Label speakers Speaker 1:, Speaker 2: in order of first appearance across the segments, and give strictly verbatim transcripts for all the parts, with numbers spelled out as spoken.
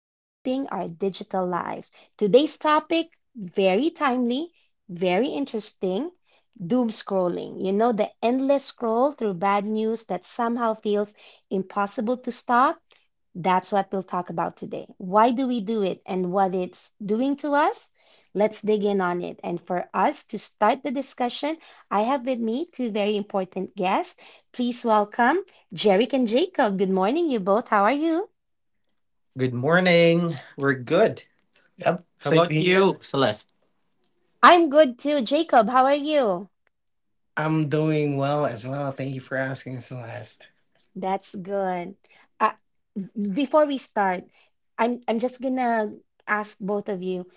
Speaker 1: shaping our digital lives. Today's topic, very timely, very interesting doom scrolling. You know, the endless scroll through bad news that somehow feels impossible to stop, that's what we'll talk about today. Why do we do it and what it's doing to us? Let's dig in on it. And for us to start the discussion, I have with me two very important guests. Please welcome Jerick and Jacob. Good morning, you both. How are you?
Speaker 2: Good morning. We're good. Yep. How? Same about here. You, Celeste?
Speaker 1: I'm good too. Jacob, how are you?
Speaker 2: I'm doing well as well. Thank you for asking, Celeste.
Speaker 1: That's good. Uh, Before we start, I'm I'm just gonna ask both of you,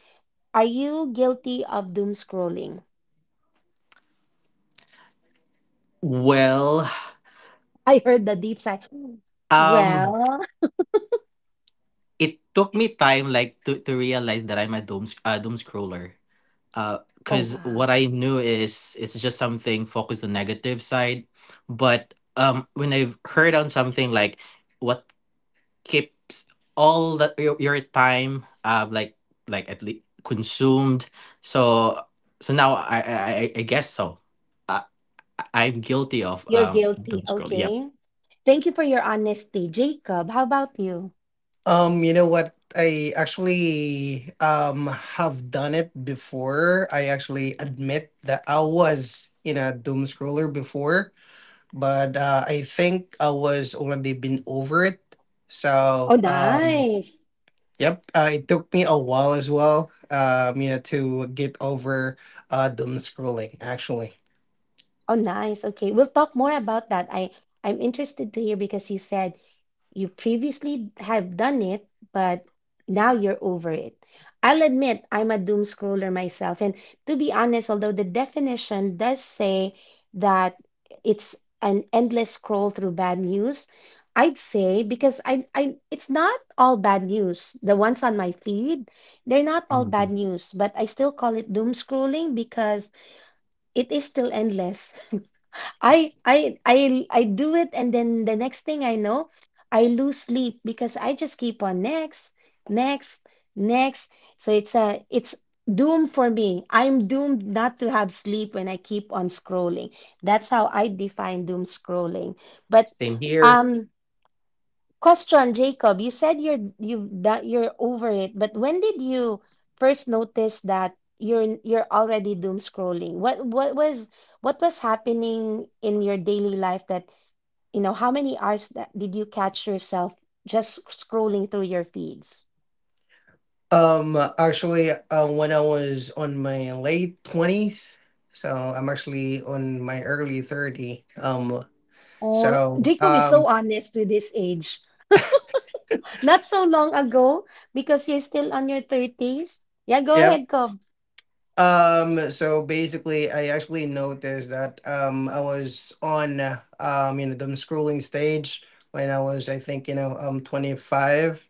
Speaker 1: are you guilty of doom scrolling?
Speaker 2: Well,
Speaker 1: I heard the deep sigh.
Speaker 2: um,
Speaker 1: Well,
Speaker 2: it took me time like to, to realize that I'm a doom sc- uh, doom scroller. Uh,
Speaker 1: oh,
Speaker 2: because
Speaker 1: wow.
Speaker 2: what I knew is it's just something focused on negative side, but um, when I've heard on something like what keeps all the your, your time um like like at least consumed, so so now i i i I guess so, i I- am guilty of
Speaker 1: You're
Speaker 2: um doom
Speaker 1: guilty.
Speaker 2: scroll, yeah.
Speaker 1: Okay. Thank you for your honesty, Jacob. How about you?
Speaker 2: Um, you know what? I actually um have done it before. I actually admit that I was in a doom scroller before, but uh, I think I was already been over it. So
Speaker 1: Oh,
Speaker 2: um,
Speaker 1: nice.
Speaker 2: Yep, uh, it took me a while as well, um, you know, to get over uh, doom scrolling, actually.
Speaker 1: Oh, nice. Okay. We'll talk more about that. I I'm interested to hear because he said you previously have done it, but now you're over it. I'll admit I'm a doom scroller myself. And to be honest, although the definition does say that it's an endless scroll through bad news, I'd say because I, I it's not all bad news. The ones on my feed, they're not all bad
Speaker 2: Mhm.
Speaker 1: news, but I still call it doom scrolling because it is still endless. I I I I do it and then the next thing I know, I lose sleep because I just keep on next, next, next. So it's a it's doom for me. I'm doomed not to have sleep when I keep on scrolling. That's how I define doom scrolling. But
Speaker 2: Same here.
Speaker 1: um question, Jacob. You said you're you've that you're over it, but when did you first notice that you're you're already doom scrolling? What what was what was happening in your daily life that, you know, how many hours that did you catch yourself just scrolling through your feeds?
Speaker 2: Um, actually, uh, when I was on my late twenties, so I'm actually on my early thirty. Um,
Speaker 1: Oh,
Speaker 2: so,
Speaker 1: Jacob is so
Speaker 2: um,
Speaker 1: honest with his age. Not so long ago, because you're still on your thirties. Yeah, go
Speaker 2: yeah,
Speaker 1: ahead, Cobb.
Speaker 2: Um, so basically, I actually noticed that um, I was on uh, um, you know, the scrolling stage when I was, I think, you know, um, twenty-five.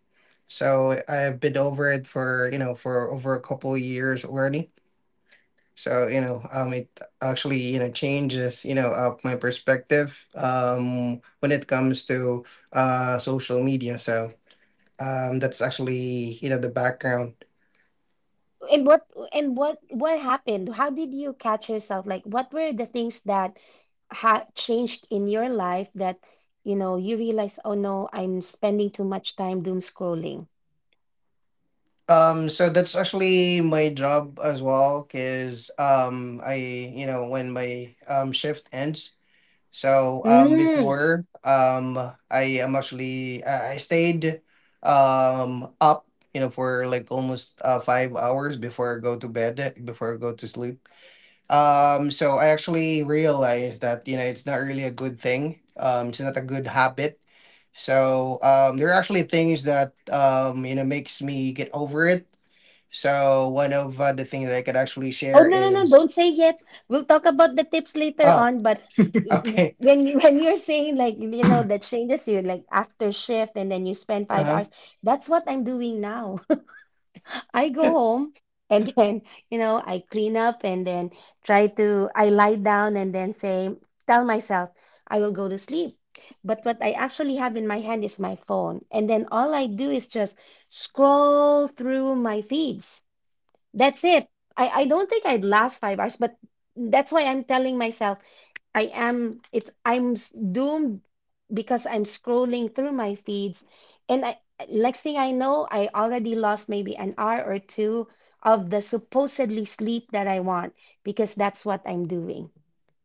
Speaker 2: So I've been over it for, you know, for over a couple of years already. So, you know, um, it actually, you know, changes, you know, uh, my perspective um, when it comes to uh, social media. So um, that's actually, you know, the background.
Speaker 1: And what and what what happened? How did you catch yourself? Like, what were the things that ha changed in your life that, you know, you realize, oh no, I'm spending too much time doom scrolling.
Speaker 2: Um, so that's actually my job as well, because um, I, you know, when my um shift ends. So um,
Speaker 1: Mm.
Speaker 2: before um, I am actually I I stayed um up, you know, for like almost uh, five hours before I go to bed, before I go to sleep. Um, so I actually realized that you know it's not really a good thing. Um, it's not a good habit. So um, there are actually things that um, you know makes me get over it, so one of uh, the things that I could actually
Speaker 1: Oh
Speaker 2: share
Speaker 1: no, no, no,
Speaker 2: is...
Speaker 1: don't say yet. We'll talk about the tips later
Speaker 2: oh.
Speaker 1: on, but w-
Speaker 2: Okay.
Speaker 1: when you- when you're saying like, you know, that changes you like after shift and then you spend five
Speaker 2: Uh-huh.
Speaker 1: hours, that's what I'm doing now. I go home and then, you know, I clean up and then try to, I lie down and then say, tell myself, I will go to sleep. But what I actually have in my hand is my phone. And then all I do is just scroll through my feeds. That's it. I, I don't think I'd last five hours, but that's why I'm telling myself. I am it's I'm s- doomed because I'm scrolling through my feeds and I next thing I know I already lost maybe an hour or two of the supposedly sleep that I want because that's what I'm doing.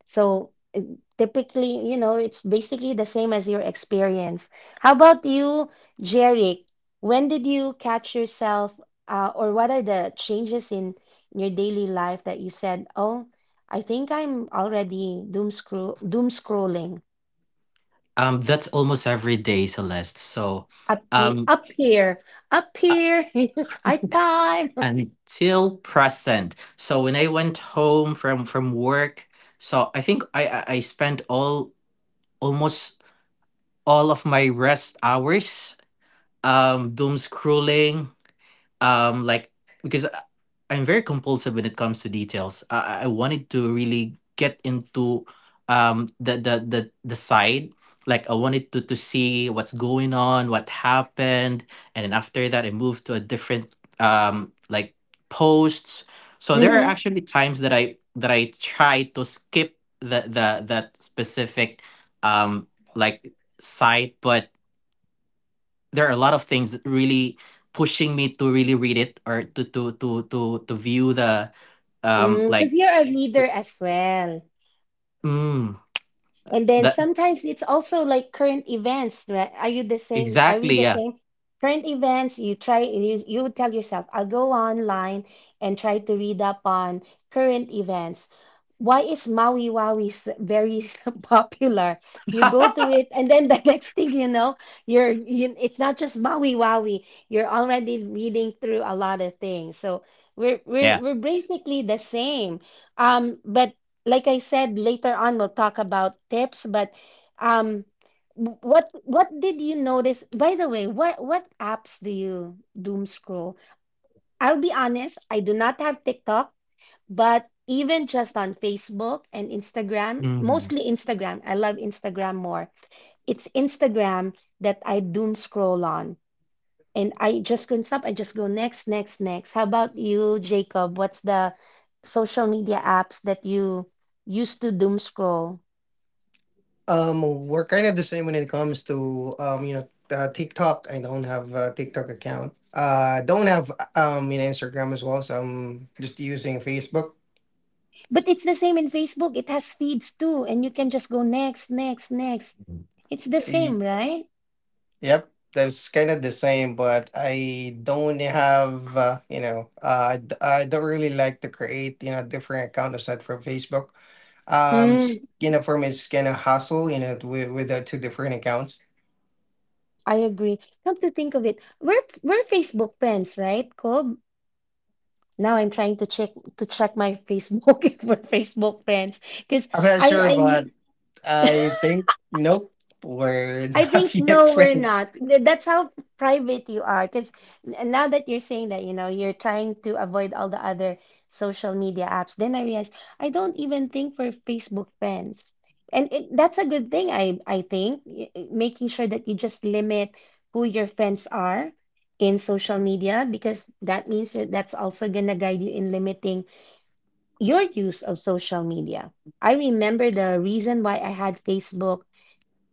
Speaker 1: So uh, typically, you know, it's basically the same as your experience. How about you, Jeric? When did you catch yourself, uh, or what are the changes in your daily life that you said, "Oh, I think I'm already doom scroll doom scrolling
Speaker 2: Um, that's almost every day, Celeste. So,
Speaker 1: up he
Speaker 2: um,
Speaker 1: up here, up here, high five."
Speaker 2: until present. So when I went home from from work, so I think I I I spent all almost all of my rest hours um doom scrolling, um like because I- I'm very compulsive when it comes to details. I, I I wanted to really get into um the, the the the side, like I wanted to to see what's going on, what happened, and then after that I moved to a different um like posts. So there are
Speaker 1: Mm-hmm.
Speaker 2: actually times that i that i try to skip the the that specific um like site, but there are a lot of things that really pushing me to really read it or to to to to to view the um
Speaker 1: Mm, because
Speaker 2: like...
Speaker 1: you're a reader as well.
Speaker 2: mm,
Speaker 1: And then
Speaker 2: that
Speaker 1: sometimes it's also like current events, right? Are you the same? Are we
Speaker 2: exactly,
Speaker 1: the
Speaker 2: yeah.
Speaker 1: same? Current events, you try and you, you would tell yourself, I'll go online and try to read up on current events. Why is Maui Waui s- very s- popular? You go through it, and then the next thing you know, you're you, it's not just Maui Waui. You're already reading through a lot of things. So we're we're
Speaker 2: Yeah.
Speaker 1: we're basically the same. Um, but like I said, later on we'll talk about tips, but um w- what what did you notice? By the way, what what apps do you doom scroll? I'll be honest, I do not have TikTok, but even just on Facebook and Instagram,
Speaker 2: Hmm.
Speaker 1: mostly Instagram. I love Instagram more. It's Instagram that I doom scroll on and I just couldn't stop. I just go next, next, next. How about you, Jacob? What's the social media apps that you used to doom scroll?
Speaker 2: Um, we're kind of the same when it comes to um, you know, uh, TikTok. I don't have a TikTok account. Uh, don't have um, you know, Instagram as well. So I'm just using Facebook.
Speaker 1: But it's the same in Facebook. It has feeds too, and you can just go next, next, next. It's the same, right?
Speaker 2: Yep, that's kind of the same, but I don't have, uh, you know, uh, I, d- I don't really like to create, you know, different account aside from Facebook. Um, it's,
Speaker 1: Mm,
Speaker 2: you know, for me, it's kind of hassle, you know, with, with the two different accounts.
Speaker 1: I agree. Come to think of it, we're we're Facebook friends, right, Kob? Now I'm trying to check to check my Facebook if we're Facebook friends, because
Speaker 2: I'm not
Speaker 1: I
Speaker 2: sure, but
Speaker 1: I
Speaker 2: I think nope. We're
Speaker 1: I
Speaker 2: not
Speaker 1: think
Speaker 2: yet
Speaker 1: no, we're
Speaker 2: friends.
Speaker 1: not. Th- That's how private you are. Because now that you're saying that, you know, you're trying to avoid all the other social media apps. Then I realized I don't even think for Facebook friends, and it, that's a good thing. I I think Y- y- making sure that you just limit who your friends are in social media because that means that that's also gonna guide you in limiting your use of social media. I remember the reason why I had Facebook,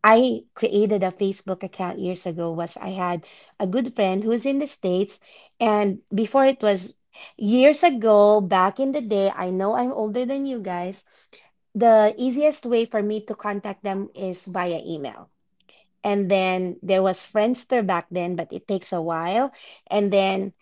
Speaker 1: I created a Facebook account years ago, was I had a good friend who's in the States, and before it was years ago back in the day, I know I'm older than you guys, the easiest way for me to contact them is via email. And then there was Friendster back then, but it takes a while, and then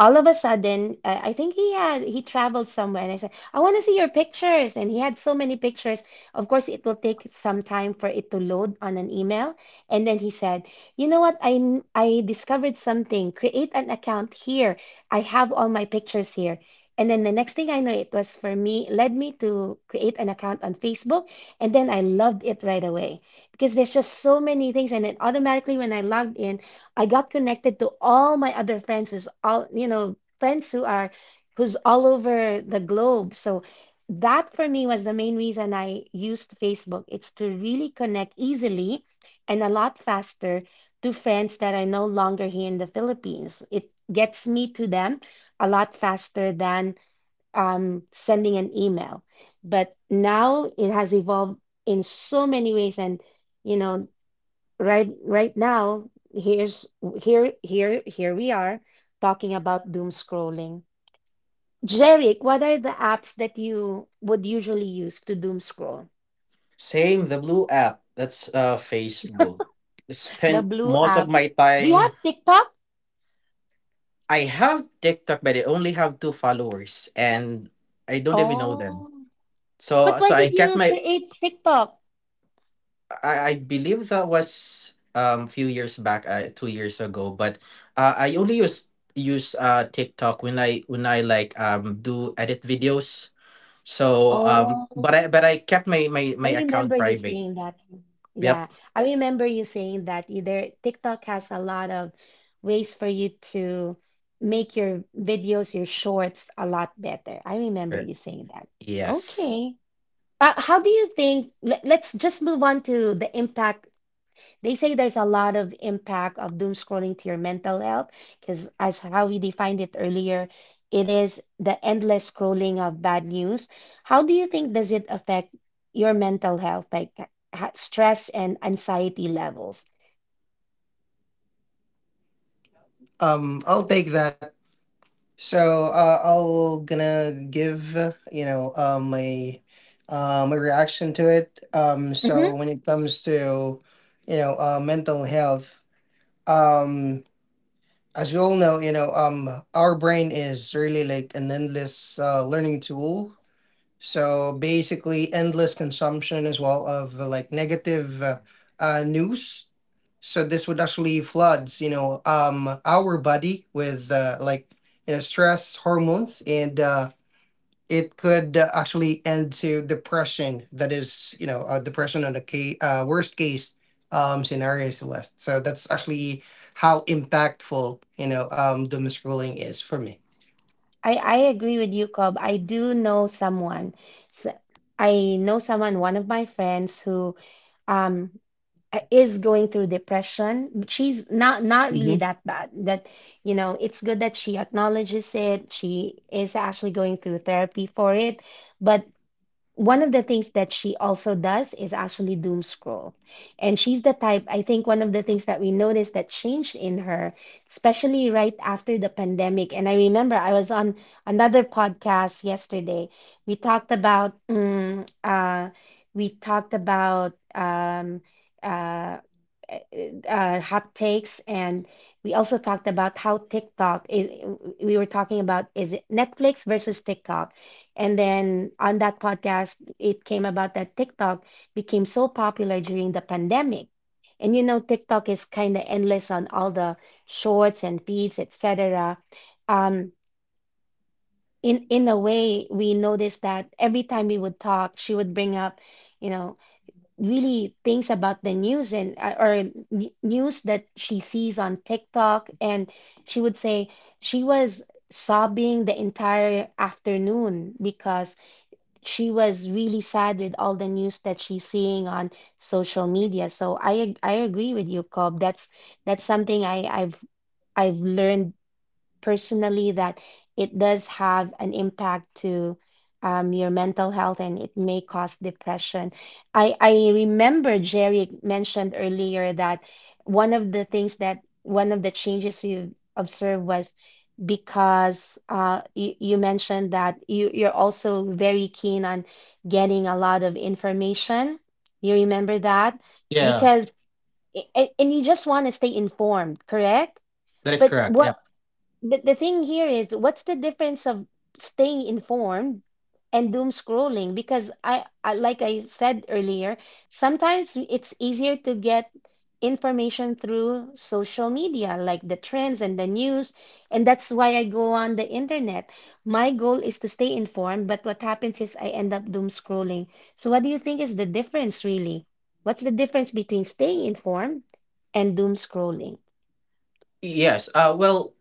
Speaker 1: all of a sudden, I I think he had he traveled somewhere, and I said, "I want to see your pictures." And he had so many pictures. Of course, it will take some time for it to load on an email. And then he said, "You know what? I n- I discovered something. Create an account here. I have all my pictures here." And then the next thing I know, it was for me led me to create an account on Facebook, and then I loved it right away because there's just so many things. And then automatically, when I logged in, I got connected to all my other friends who's all you know friends who are who's all over the globe. So that for me was the main reason I used Facebook. It's to really connect easily and a lot faster to friends that are no longer here in the Philippines. It gets me to them a lot faster than um, sending an email. But now it has evolved in so many ways, and you know, right right now here's here here here we are talking about doom scrolling. Jeric, what are the apps that you would usually use to doom scroll?
Speaker 2: Same, the blue app. That's uh Facebook.
Speaker 1: The
Speaker 2: Spent
Speaker 1: blue
Speaker 2: most of
Speaker 1: app,
Speaker 2: my
Speaker 1: do you have
Speaker 2: time.
Speaker 1: TikTok?
Speaker 2: I have TikTok, but I only have two followers, and I don't even know them.
Speaker 1: Oh, but
Speaker 2: So,
Speaker 1: why
Speaker 2: so I
Speaker 1: did
Speaker 2: kept
Speaker 1: you
Speaker 2: my...
Speaker 1: create TikTok?
Speaker 2: I, I believe that was um few years back, uh, two years ago. But uh, I only use use uh TikTok when I when I like um do edit videos. So um,
Speaker 1: Oh,
Speaker 2: but I but I kept my my
Speaker 1: I
Speaker 2: my
Speaker 1: remember
Speaker 2: account
Speaker 1: you
Speaker 2: private.
Speaker 1: saying that.
Speaker 2: Yep.
Speaker 1: Yeah, I remember you saying that either TikTok has a lot of ways for you to make your videos, your shorts a lot better. I remember
Speaker 2: Sure.
Speaker 1: you saying that.
Speaker 2: Yes.
Speaker 1: Okay. Uh, how do you think, let, let's just move on to the impact. They say there's a lot of impact of doom scrolling to your mental health because, as how we defined it earlier, it is the endless scrolling of bad news. How do you think does it affect your mental health, like ha- stress and anxiety levels?
Speaker 2: Um, I'll take that. So uh, I'll gonna give uh, you know uh, my uh, my reaction to it. Um,
Speaker 1: Mm-hmm.
Speaker 2: so when it comes to you know uh, mental health, um, as you all know, you know, um, our brain is really like an endless uh, learning tool. So basically, endless consumption as well of uh, like negative uh, uh, news. So this would actually floods, you know, um, our body with uh, like you know stress hormones, and uh, it could uh, actually end to depression. That is, you know, uh, depression on the ca- uh, worst case um, scenario, Celeste. So that's actually how impactful, you know, um, the misruling is for me.
Speaker 1: I, I agree with you, Cobb. I do know someone. s- I know someone, one of my friends, who um uh, is going through depression but she's not not really that bad that you know it's good that she acknowledges it. She is actually going through therapy for it, but one of the things that she also does is actually doom scroll. And she's the type, I think one of the things that we noticed that changed in her, especially right after the pandemic. And I remember I was on another podcast yesterday. We talked about mm, uh, we talked about um, uh, uh, hot takes, and we also talked about how TikTok is. We were talking about is it Netflix versus TikTok, and then on that podcast, it came about that TikTok became so popular during the pandemic. And you know, TikTok is kind of endless on all the shorts and feeds, et cetera. Um, in in a way, we noticed that every time we would talk, she would bring up, you know, really things about the news and uh, or n- news that she sees on TikTok, and she would say she was sobbing the entire afternoon because she was really sad with all the news that she's seeing on social media. So I ag- I agree with you, Cobb. That's that's something I I've I've learned personally that it does have an impact to um, your mental health, and it may cause depression. I, I remember Jerry mentioned earlier that one of the things that one of the changes you observed was because uh, you, you mentioned that you, you're also very keen on getting a lot of information. You remember that?
Speaker 2: Yeah,
Speaker 1: Because, and, and you just want to stay informed, correct?
Speaker 2: that is
Speaker 1: But
Speaker 2: correct. Yeah.
Speaker 1: what but the thing here is, what's the difference of staying informed and doom scrolling? Because I, I, like I said earlier, sometimes it's easier to get information through social media, like the trends and the news, and that's why I go on the internet. My goal is to stay informed, but what happens is I end up doom scrolling. So what do you think is the difference really? What's the difference between staying informed and doom scrolling?
Speaker 2: Yes. Uh, well,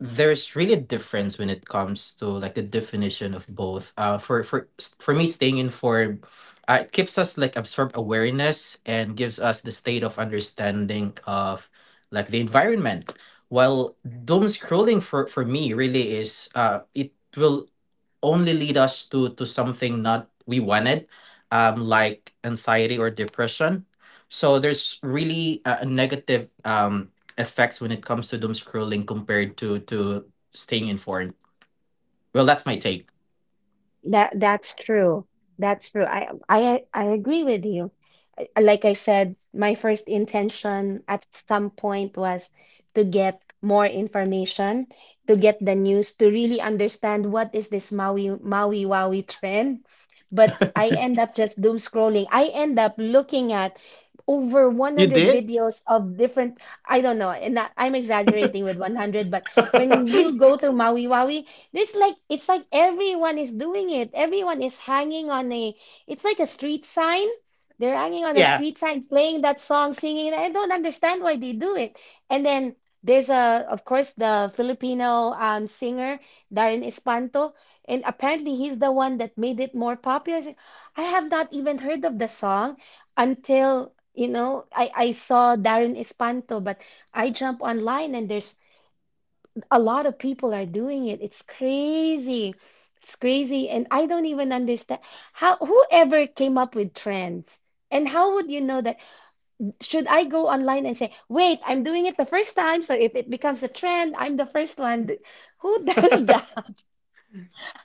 Speaker 2: there's really a difference when it comes to like the definition of both uh for for for me, staying informed, uh, it keeps us like absorb awareness and gives us the state of understanding of like the environment, while doom scrolling for for me really is, uh it will only lead us to to something not we wanted, um like anxiety or depression, so there's really a a negative um effects when it comes to doom scrolling compared to to staying informed. Well, that's my take.
Speaker 1: That that's true. That's true. I I I agree with you. I- Like I said, my first intention at some point was to get more information, to get the news, to really understand what is this Maui Maui Wowie trend. But I end up just doom scrolling. I end up looking at over
Speaker 2: You
Speaker 1: a hundred
Speaker 2: did?
Speaker 1: videos of different, I don't know, and I- I'm exaggerating with a hundred, but when you go through Maui Wowie, there's like it's like everyone is doing it. Everyone is hanging on a it's like a street sign. They're hanging on a street sign, playing that song, singing it. I don't understand why they do it. And then there's a of course the Filipino um singer Darren Espanto, and apparently he's the one that made it more popular. So, I have not even heard of the song until, you know, I I saw Darren Espanto, but I jump online, and there's a lot of people are doing it. It's crazy. It's crazy. And I don't even understand how whoever came up with trends. And how would you know that? Should I go online and say, wait, I'm doing it the first time, so if it becomes a trend, I'm the first one. Who does that?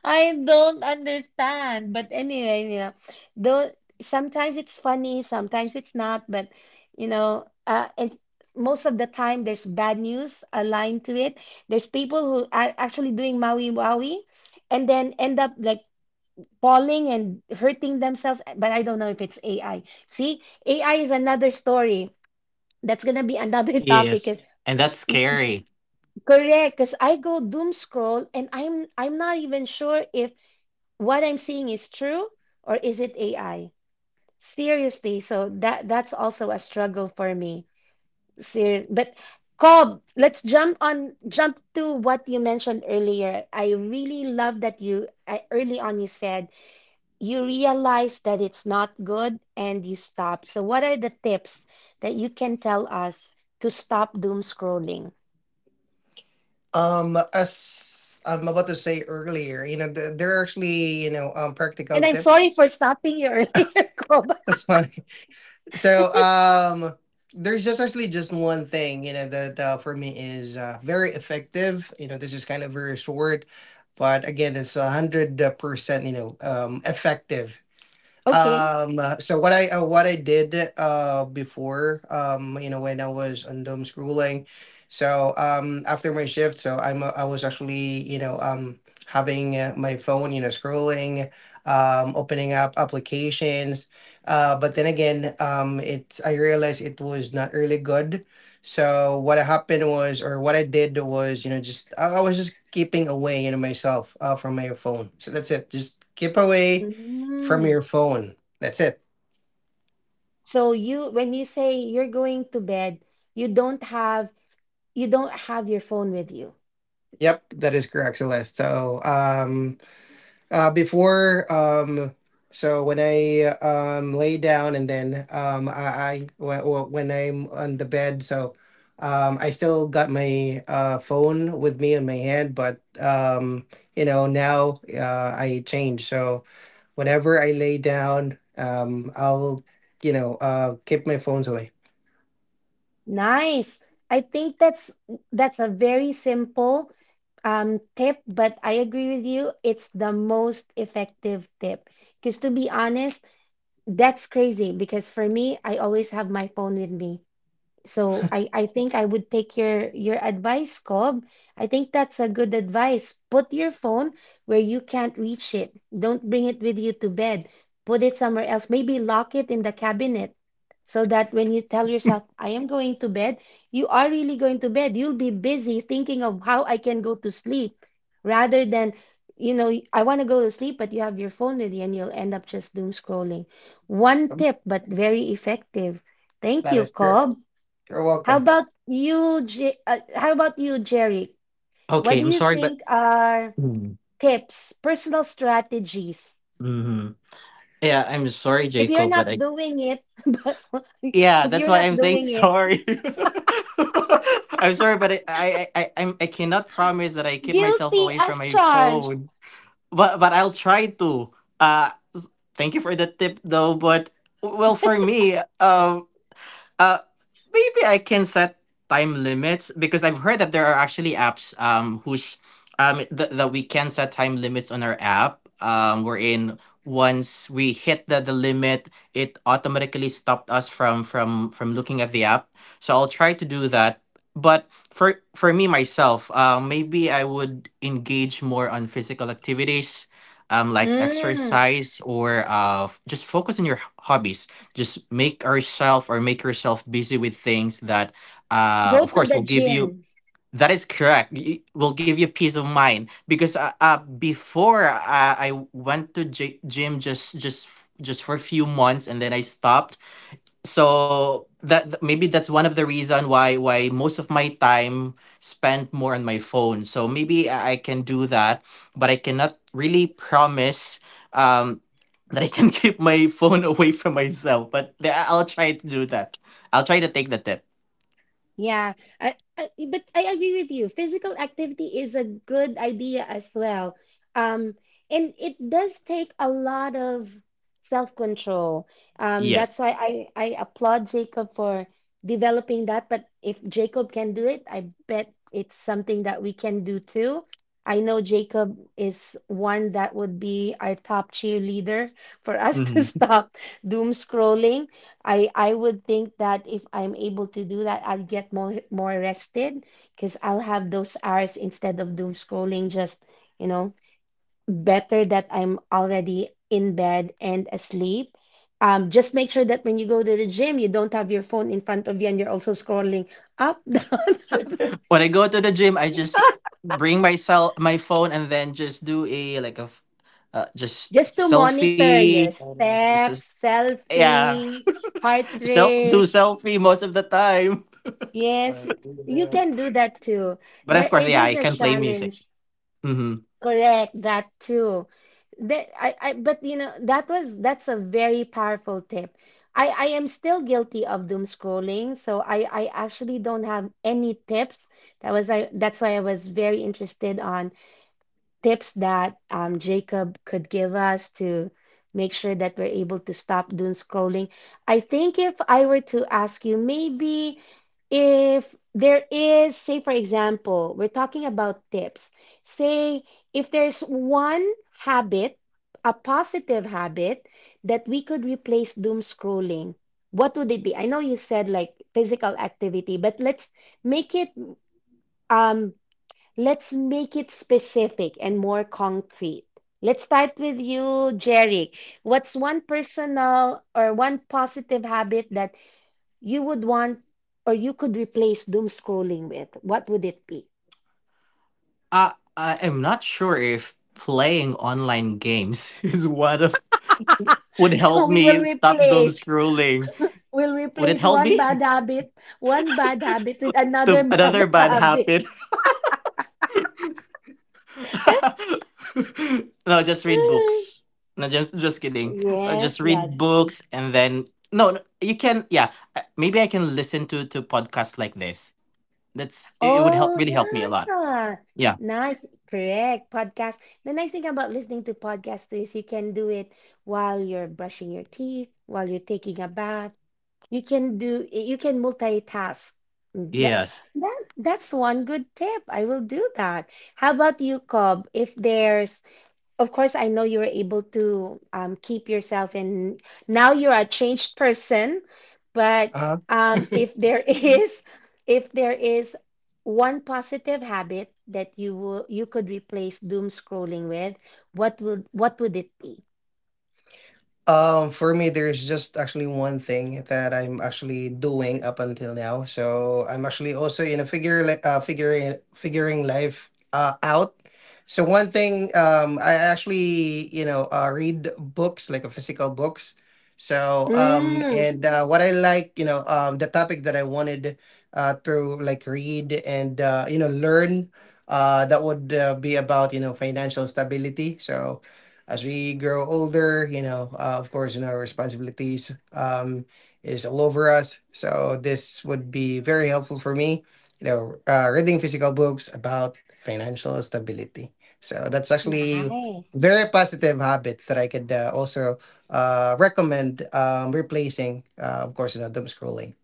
Speaker 1: I don't understand. But anyway, you know, though sometimes it's funny, sometimes it's not, but you know, uh, it, most of the time there's bad news aligned to it. There's people who are actually doing Maui Waui and then end up like falling and hurting themselves. But I don't know if it's A I. See, A I is another story. That's gonna be another topic.
Speaker 2: Yes.
Speaker 1: Is
Speaker 2: And that's scary.
Speaker 1: correct? Because I go doom scroll, and I'm I'm not even sure if what I'm seeing is true, or is it A I? Seriously, so that that's also a struggle for me. Serious, but Cobb, let's jump on jump to what you mentioned earlier. I really love that you I, early on you said you realize that it's not good and you stop. So what are the tips that you can tell us to stop doom scrolling?
Speaker 2: Um, as I'm about to say earlier, you know, th- there are actually, you know, um,
Speaker 1: And
Speaker 2: practical
Speaker 1: I'm sorry
Speaker 2: tips.
Speaker 1: for stopping you earlier, Cobb.
Speaker 2: So um there's just actually just one thing, you know, that uh, for me is uh, very effective. You know, this is kind of very short, but again, it's a hundred percent, you know, um, effective.
Speaker 1: Okay.
Speaker 2: Um, uh, so what I uh, what I did uh before, um you know, when I was on dome schooling, so um after my shift, so I'm uh, I was actually you know um having uh, my phone you know scrolling, um opening up applications, uh but then again um it I realized it was not really good. So what happened was, or what I did was, you know, just I, I was just keeping away you know myself uh from my phone. So that's it, just keep away from
Speaker 1: Mm.
Speaker 2: your phone. That's it.
Speaker 1: So you, when you say you're going to bed, you don't have you don't have your phone with you.
Speaker 2: Yep, that is correct, Celeste. So, um, uh, before, um, so when I um lay down, and then um I, I when when I'm on the bed, so um I still got my uh phone with me in my hand, but um you know now uh I change. So whenever I lay down, um I'll you know uh keep my phones away.
Speaker 1: Nice. I think that's that's a very simple um tip, but I agree with you. It's the most effective tip. Because to be honest, that's crazy because for me, I always have my phone with me. So I, I think I would take your your advice, Cobb. I think that's a good advice. Put your phone where you can't reach it. Don't bring it with you to bed. Put it somewhere else. Maybe lock it in the cabinet so that when you tell yourself, I am going to bed, you are really going to bed. You'll be busy thinking of how I can go to sleep rather than, you know, I want to go to sleep, but you have your phone with you, and you'll end up just doom scrolling. One
Speaker 2: Um,
Speaker 1: tip, but very effective. Thank
Speaker 2: That
Speaker 1: you,
Speaker 2: is, you're,
Speaker 1: Cobb.
Speaker 2: you're
Speaker 1: How
Speaker 2: welcome.
Speaker 1: about you, J- uh, how about you, Jerry? What
Speaker 2: Okay,
Speaker 1: do
Speaker 2: I'm
Speaker 1: you
Speaker 2: sorry, but...
Speaker 1: think are tips, personal strategies?
Speaker 2: mm-hmm. Yeah, I'm sorry,
Speaker 1: If you're
Speaker 2: Jacob,
Speaker 1: not
Speaker 2: but I...
Speaker 1: doing it, but
Speaker 2: yeah,
Speaker 1: if
Speaker 2: that's
Speaker 1: you're
Speaker 2: why
Speaker 1: not
Speaker 2: I'm saying
Speaker 1: doing it,
Speaker 2: sorry. I'm sorry, but I I I I- I'm, I cannot promise that I keep myself
Speaker 1: guilty
Speaker 2: away from
Speaker 1: as
Speaker 2: my
Speaker 1: charged.
Speaker 2: phone. but but I'll try to. Uh, s- Thank you for the tip though. But well, for me, um, uh, maybe I can set time limits, because I've heard that there are actually apps um whose um th- that we can set time limits on our app, um wherein once we hit the, the limit, it automatically stopped us from from from looking at the app, so I'll try to do that. But for for me myself, uh, maybe I would engage more on physical activities, um like
Speaker 1: Mm,
Speaker 2: exercise or uh f- just focus on your h- hobbies. Just make ourselves or make yourself busy with things that uh
Speaker 1: go
Speaker 2: of
Speaker 1: to
Speaker 2: course
Speaker 1: the
Speaker 2: will give you...
Speaker 1: gym.
Speaker 2: that is correct, y- will give you peace of mind. Because uh, uh before, uh, I went to gy- gym just just f- just for a few months and then I stopped. So that maybe that's one of the reason why why most of my time spent more on my phone, so maybe i I can do that. But I cannot really promise, um that I can keep my phone away from myself, but th- I'll try to do that. I'll try to take the tip.
Speaker 1: Yeah, I, I, but I agree with you. Physical activity is a good idea as well. Um, and it does take a lot of self-control. Um, that's
Speaker 2: Yes.
Speaker 1: why I, I applaud Jacob for developing that. But if Jacob can do it, I bet it's something that we can do too. I know Jacob is one that would be our top cheerleader for us to
Speaker 2: Hmm.
Speaker 1: stop doom scrolling. I I would think that if I'm able to do that, I'll get more more rested because I'll have those hours instead of doom scrolling, just, you know, better that I'm already in bed and asleep. Um, just make sure that when you go to the gym, you don't have your phone in front of you, and you're also scrolling up, down, up,
Speaker 2: When I go to the gym, I just bring myself my phone and then just do a, like, a f- uh, just
Speaker 1: just to monitor
Speaker 2: selfie.
Speaker 1: your
Speaker 2: Just...
Speaker 1: steps,
Speaker 2: yeah.
Speaker 1: selfie, heart
Speaker 2: Self do
Speaker 1: rate.
Speaker 2: selfie most of the time.
Speaker 1: Yes,
Speaker 2: Like...
Speaker 1: you can do that too.
Speaker 2: But
Speaker 1: That
Speaker 2: of
Speaker 1: it
Speaker 2: course,
Speaker 1: is
Speaker 2: yeah, I
Speaker 1: a
Speaker 2: can play music.
Speaker 1: challenge.
Speaker 2: Hmm.
Speaker 1: Correct, that too. That I, I, but you know that was that's a very powerful tip. I, I am still guilty of doom scrolling, so I, I actually don't have any tips. That was I that's why I was very interested on tips that um, Jacob could give us to make sure that we're able to stop doom scrolling. I think if I were to ask you, maybe if there is, say, for example, we're talking about tips, say, if there's one habit, a positive habit that we could replace doom scrolling. What would it be? I know you said like physical activity, but let's make it um let's make it specific and more concrete. Let's start with you, Jerry. What's one personal or one positive habit that you would want or you could replace doom scrolling with? What would it be?
Speaker 2: I I am not sure if playing online games is one of... would
Speaker 1: so
Speaker 2: help
Speaker 1: we will
Speaker 2: me stop doom
Speaker 1: replace.
Speaker 2: scrolling.
Speaker 1: We'll
Speaker 2: Would it
Speaker 1: replace
Speaker 2: help
Speaker 1: one bad
Speaker 2: me
Speaker 1: habit, one bad habit with another
Speaker 2: to another
Speaker 1: bad
Speaker 2: bad
Speaker 1: habit.
Speaker 2: habit? No, just read books. No, just just kidding. Uh,
Speaker 1: yes,
Speaker 2: just
Speaker 1: yeah,
Speaker 2: read books and then... no, no, you can, yeah. uh, Maybe I can listen to to podcasts like this. That's it, it would help
Speaker 1: oh,
Speaker 2: really help me a lot.
Speaker 1: yeah.
Speaker 2: Yeah.
Speaker 1: Nice. Correct. Podcast. The nice thing about listening to podcasts is you can do it while you're brushing your teeth, while you're taking a bath. You can do, you can multitask. Mm, That,
Speaker 2: Yes.
Speaker 1: that, that's one good tip. I will do that. How about you, Cobb? If there's of course, I know you were able to um, keep yourself, and now you're a changed person. But
Speaker 2: Uh,
Speaker 1: um, if there is, if there is one positive habit that you will, you could replace doom scrolling with, what would what would it be?
Speaker 2: Um, for me, there's just actually one thing that I'm actually doing up until now. So I'm actually also in a figure, li- uh, figuring figuring life uh, out. So one thing, um, I actually you know uh, read books like a physical books. So um,
Speaker 1: Mm,
Speaker 2: and uh, what I like, you know, um, the topic that I wanted uh, to like read and uh, you know learn. Uh, that would uh, be about you know financial stability. So as we grow older, you know, uh, of course, you know, responsibilities um, is all over us. So this would be very helpful for me, you know, uh, reading physical books about financial stability. So that's actually
Speaker 1: nice.
Speaker 2: very positive habit that I could uh, also uh, recommend um, replacing, uh, of course, you know, doom scrolling.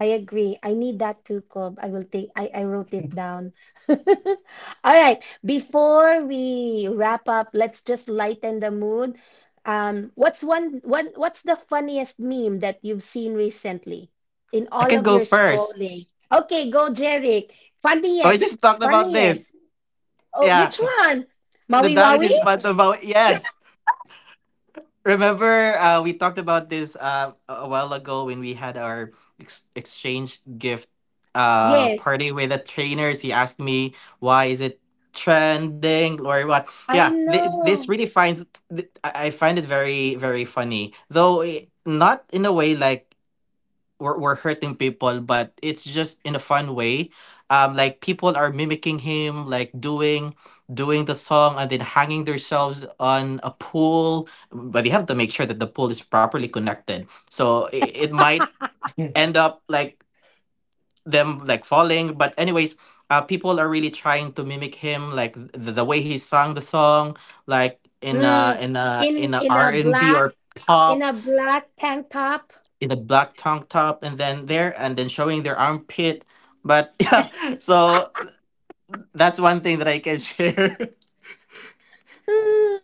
Speaker 1: I agree. I need that too, Cobb. I will take, I, I wrote it down. All right. Before we wrap up, let's just lighten the mood. Um, what's one, one, what's the funniest meme that you've seen recently in
Speaker 2: I
Speaker 1: all
Speaker 2: can
Speaker 1: of
Speaker 2: go
Speaker 1: your
Speaker 2: first.
Speaker 1: scrolling? Okay, go, Jeric.
Speaker 2: Oh, we
Speaker 1: Funniest,
Speaker 2: just talked about
Speaker 1: funniest.
Speaker 2: this.
Speaker 1: Oh,
Speaker 2: Yeah.
Speaker 1: which one?
Speaker 2: The
Speaker 1: Maui
Speaker 2: Darren
Speaker 1: Wawi?
Speaker 2: is part about, yes. Remember, uh, we talked about this uh, a a while ago when we had our ex- exchange gift uh,
Speaker 1: Yes,
Speaker 2: party with the trainers. He asked me, why is it trending or what? Yeah,
Speaker 1: I
Speaker 2: th- this
Speaker 1: know.
Speaker 2: really finds, th- I I find it very, very funny. Though, i- not in a way like we're, we're hurting people, but it's just in a fun way. Um like people are mimicking him, like doing doing the song and then hanging themselves on a pool, but you have to make sure that the pool is properly connected, so it, it might... yeah, end up like them like falling, but anyways, uh people are really trying to mimic him, like the, the way he sang the song, like in a
Speaker 1: Mm,
Speaker 2: in a
Speaker 1: in
Speaker 2: in a
Speaker 1: in
Speaker 2: R
Speaker 1: a
Speaker 2: and b
Speaker 1: black,
Speaker 2: or
Speaker 1: in a
Speaker 2: pop,
Speaker 1: black tank top.
Speaker 2: in a black tank top, and then there and then showing their armpit, but yeah. So that's one thing that I can share.
Speaker 1: Mm.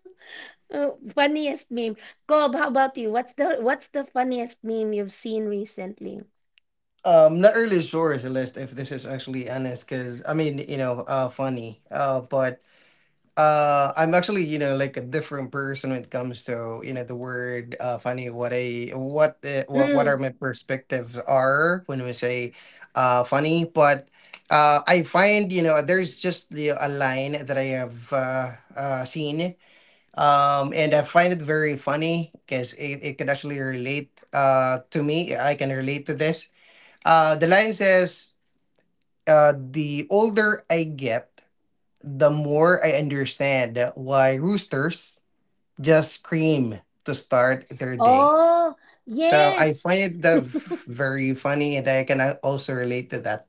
Speaker 1: Uh, funniest meme. Cobb, how about you? What's the what's the funniest meme you've seen recently?
Speaker 2: Um, not really sure is the, if this is actually honest, because I mean, you know, uh, funny. Uh, but uh, I'm actually, you know, like a different person when it comes to, you know, the word uh, funny. What I what the, what what are
Speaker 1: Mm.
Speaker 2: my perspectives are when we say, uh, funny. But uh, I find you know there's just the a line that I have uh, uh seen. Um, and I find it very funny because it, it can actually relate uh, to me. I can relate to this. Uh, the line says, uh, the older I get, the more I understand why roosters just scream to start their day.
Speaker 1: Oh,
Speaker 2: So I
Speaker 1: yes.
Speaker 2: find it that v- very funny, and I can uh, also relate to that.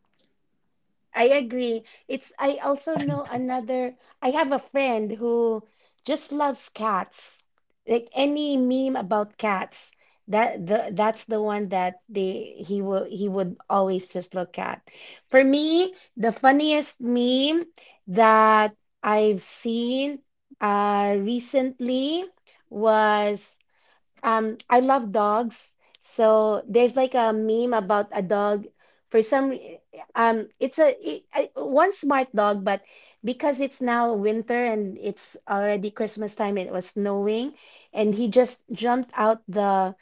Speaker 1: I agree. It's I also know another I have a friend who just loves cats. Like any meme about cats, that the that's the one that they he will he would always just look at. For me, the funniest meme that I've seen uh recently was um, I love dogs. So there's like a meme about a dog. For some, re- um, it's a it, I, one smart dog, but because it's now winter and it's already Christmas time, it was snowing, and he just jumped out the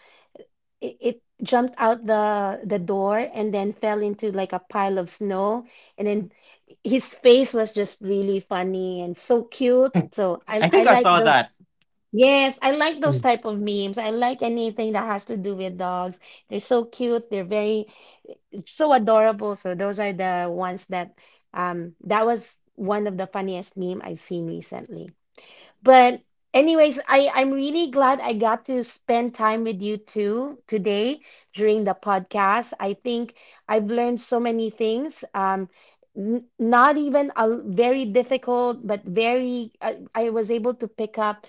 Speaker 1: it, it jumped out the the door and then fell into like a pile of snow, and then his face was just really funny and so cute.
Speaker 2: Hey,
Speaker 1: So I
Speaker 2: I
Speaker 1: I
Speaker 2: think I
Speaker 1: like
Speaker 2: saw
Speaker 1: those.
Speaker 2: that.
Speaker 1: Yes, I like those type of memes. I like anything that has to do with dogs. They're so cute. They're very so adorable. So those are the ones that um that was one of the funniest meme I've seen recently. But anyways, I I'm really glad I got to spend time with you too today during the podcast. I think I've learned so many things. Um n- Not even a very difficult, but very, I I was able to pick up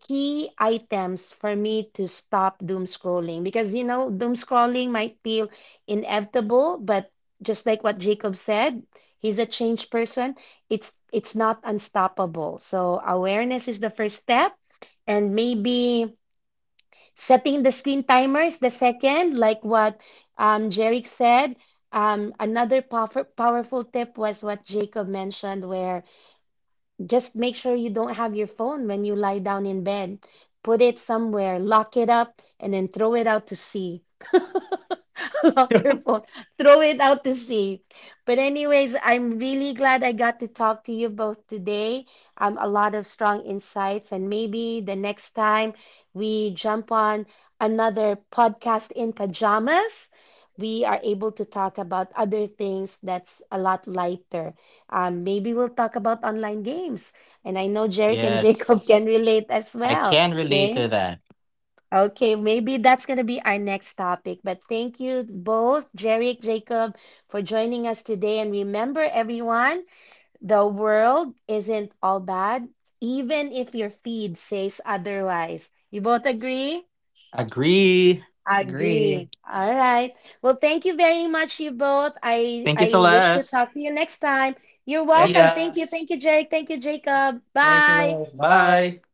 Speaker 1: key items for me to stop doom scrolling, because you know doom scrolling might feel inevitable, but just like what Jacob said, he's a changed person. It's it's not unstoppable, so awareness is the first step, and maybe setting the screen timer is the second, like what um Jerick said. Um, another power, powerful tip was what Jacob mentioned, where just make sure you don't have your phone when you lie down in bed. Put it somewhere, lock it up, and then throw it out to sea. Lock your phone, throw it out to sea. But anyways, I'm really glad I got to talk to you both today. Um, a lot of strong insights, and maybe the next time we jump on another podcast in pajamas, we are able to talk about other things that's a lot lighter. Um, maybe we'll talk about online games. And I know Jerick and Jacob can
Speaker 2: Yes.
Speaker 1: relate as
Speaker 2: I
Speaker 1: well.
Speaker 2: can relate
Speaker 1: Okay.
Speaker 2: to that.
Speaker 1: Okay, maybe that's going to be our next topic. But thank you both, Jerick, Jacob, for joining us today. And remember, everyone, the world isn't all bad, even if your feed says otherwise. You both agree?
Speaker 2: Agree. Agree.
Speaker 1: Agree. All right. Well, thank you very much, you both. I
Speaker 2: Thank you,
Speaker 1: I wish to
Speaker 2: Celeste.
Speaker 1: talk to you next time. You're
Speaker 2: See ya.
Speaker 1: welcome. Thank you.
Speaker 2: Thanks.
Speaker 1: Thank you, Jerick. Thank you, Jacob.
Speaker 2: Thanks,
Speaker 1: Bye.
Speaker 2: Elias. Bye. Bye.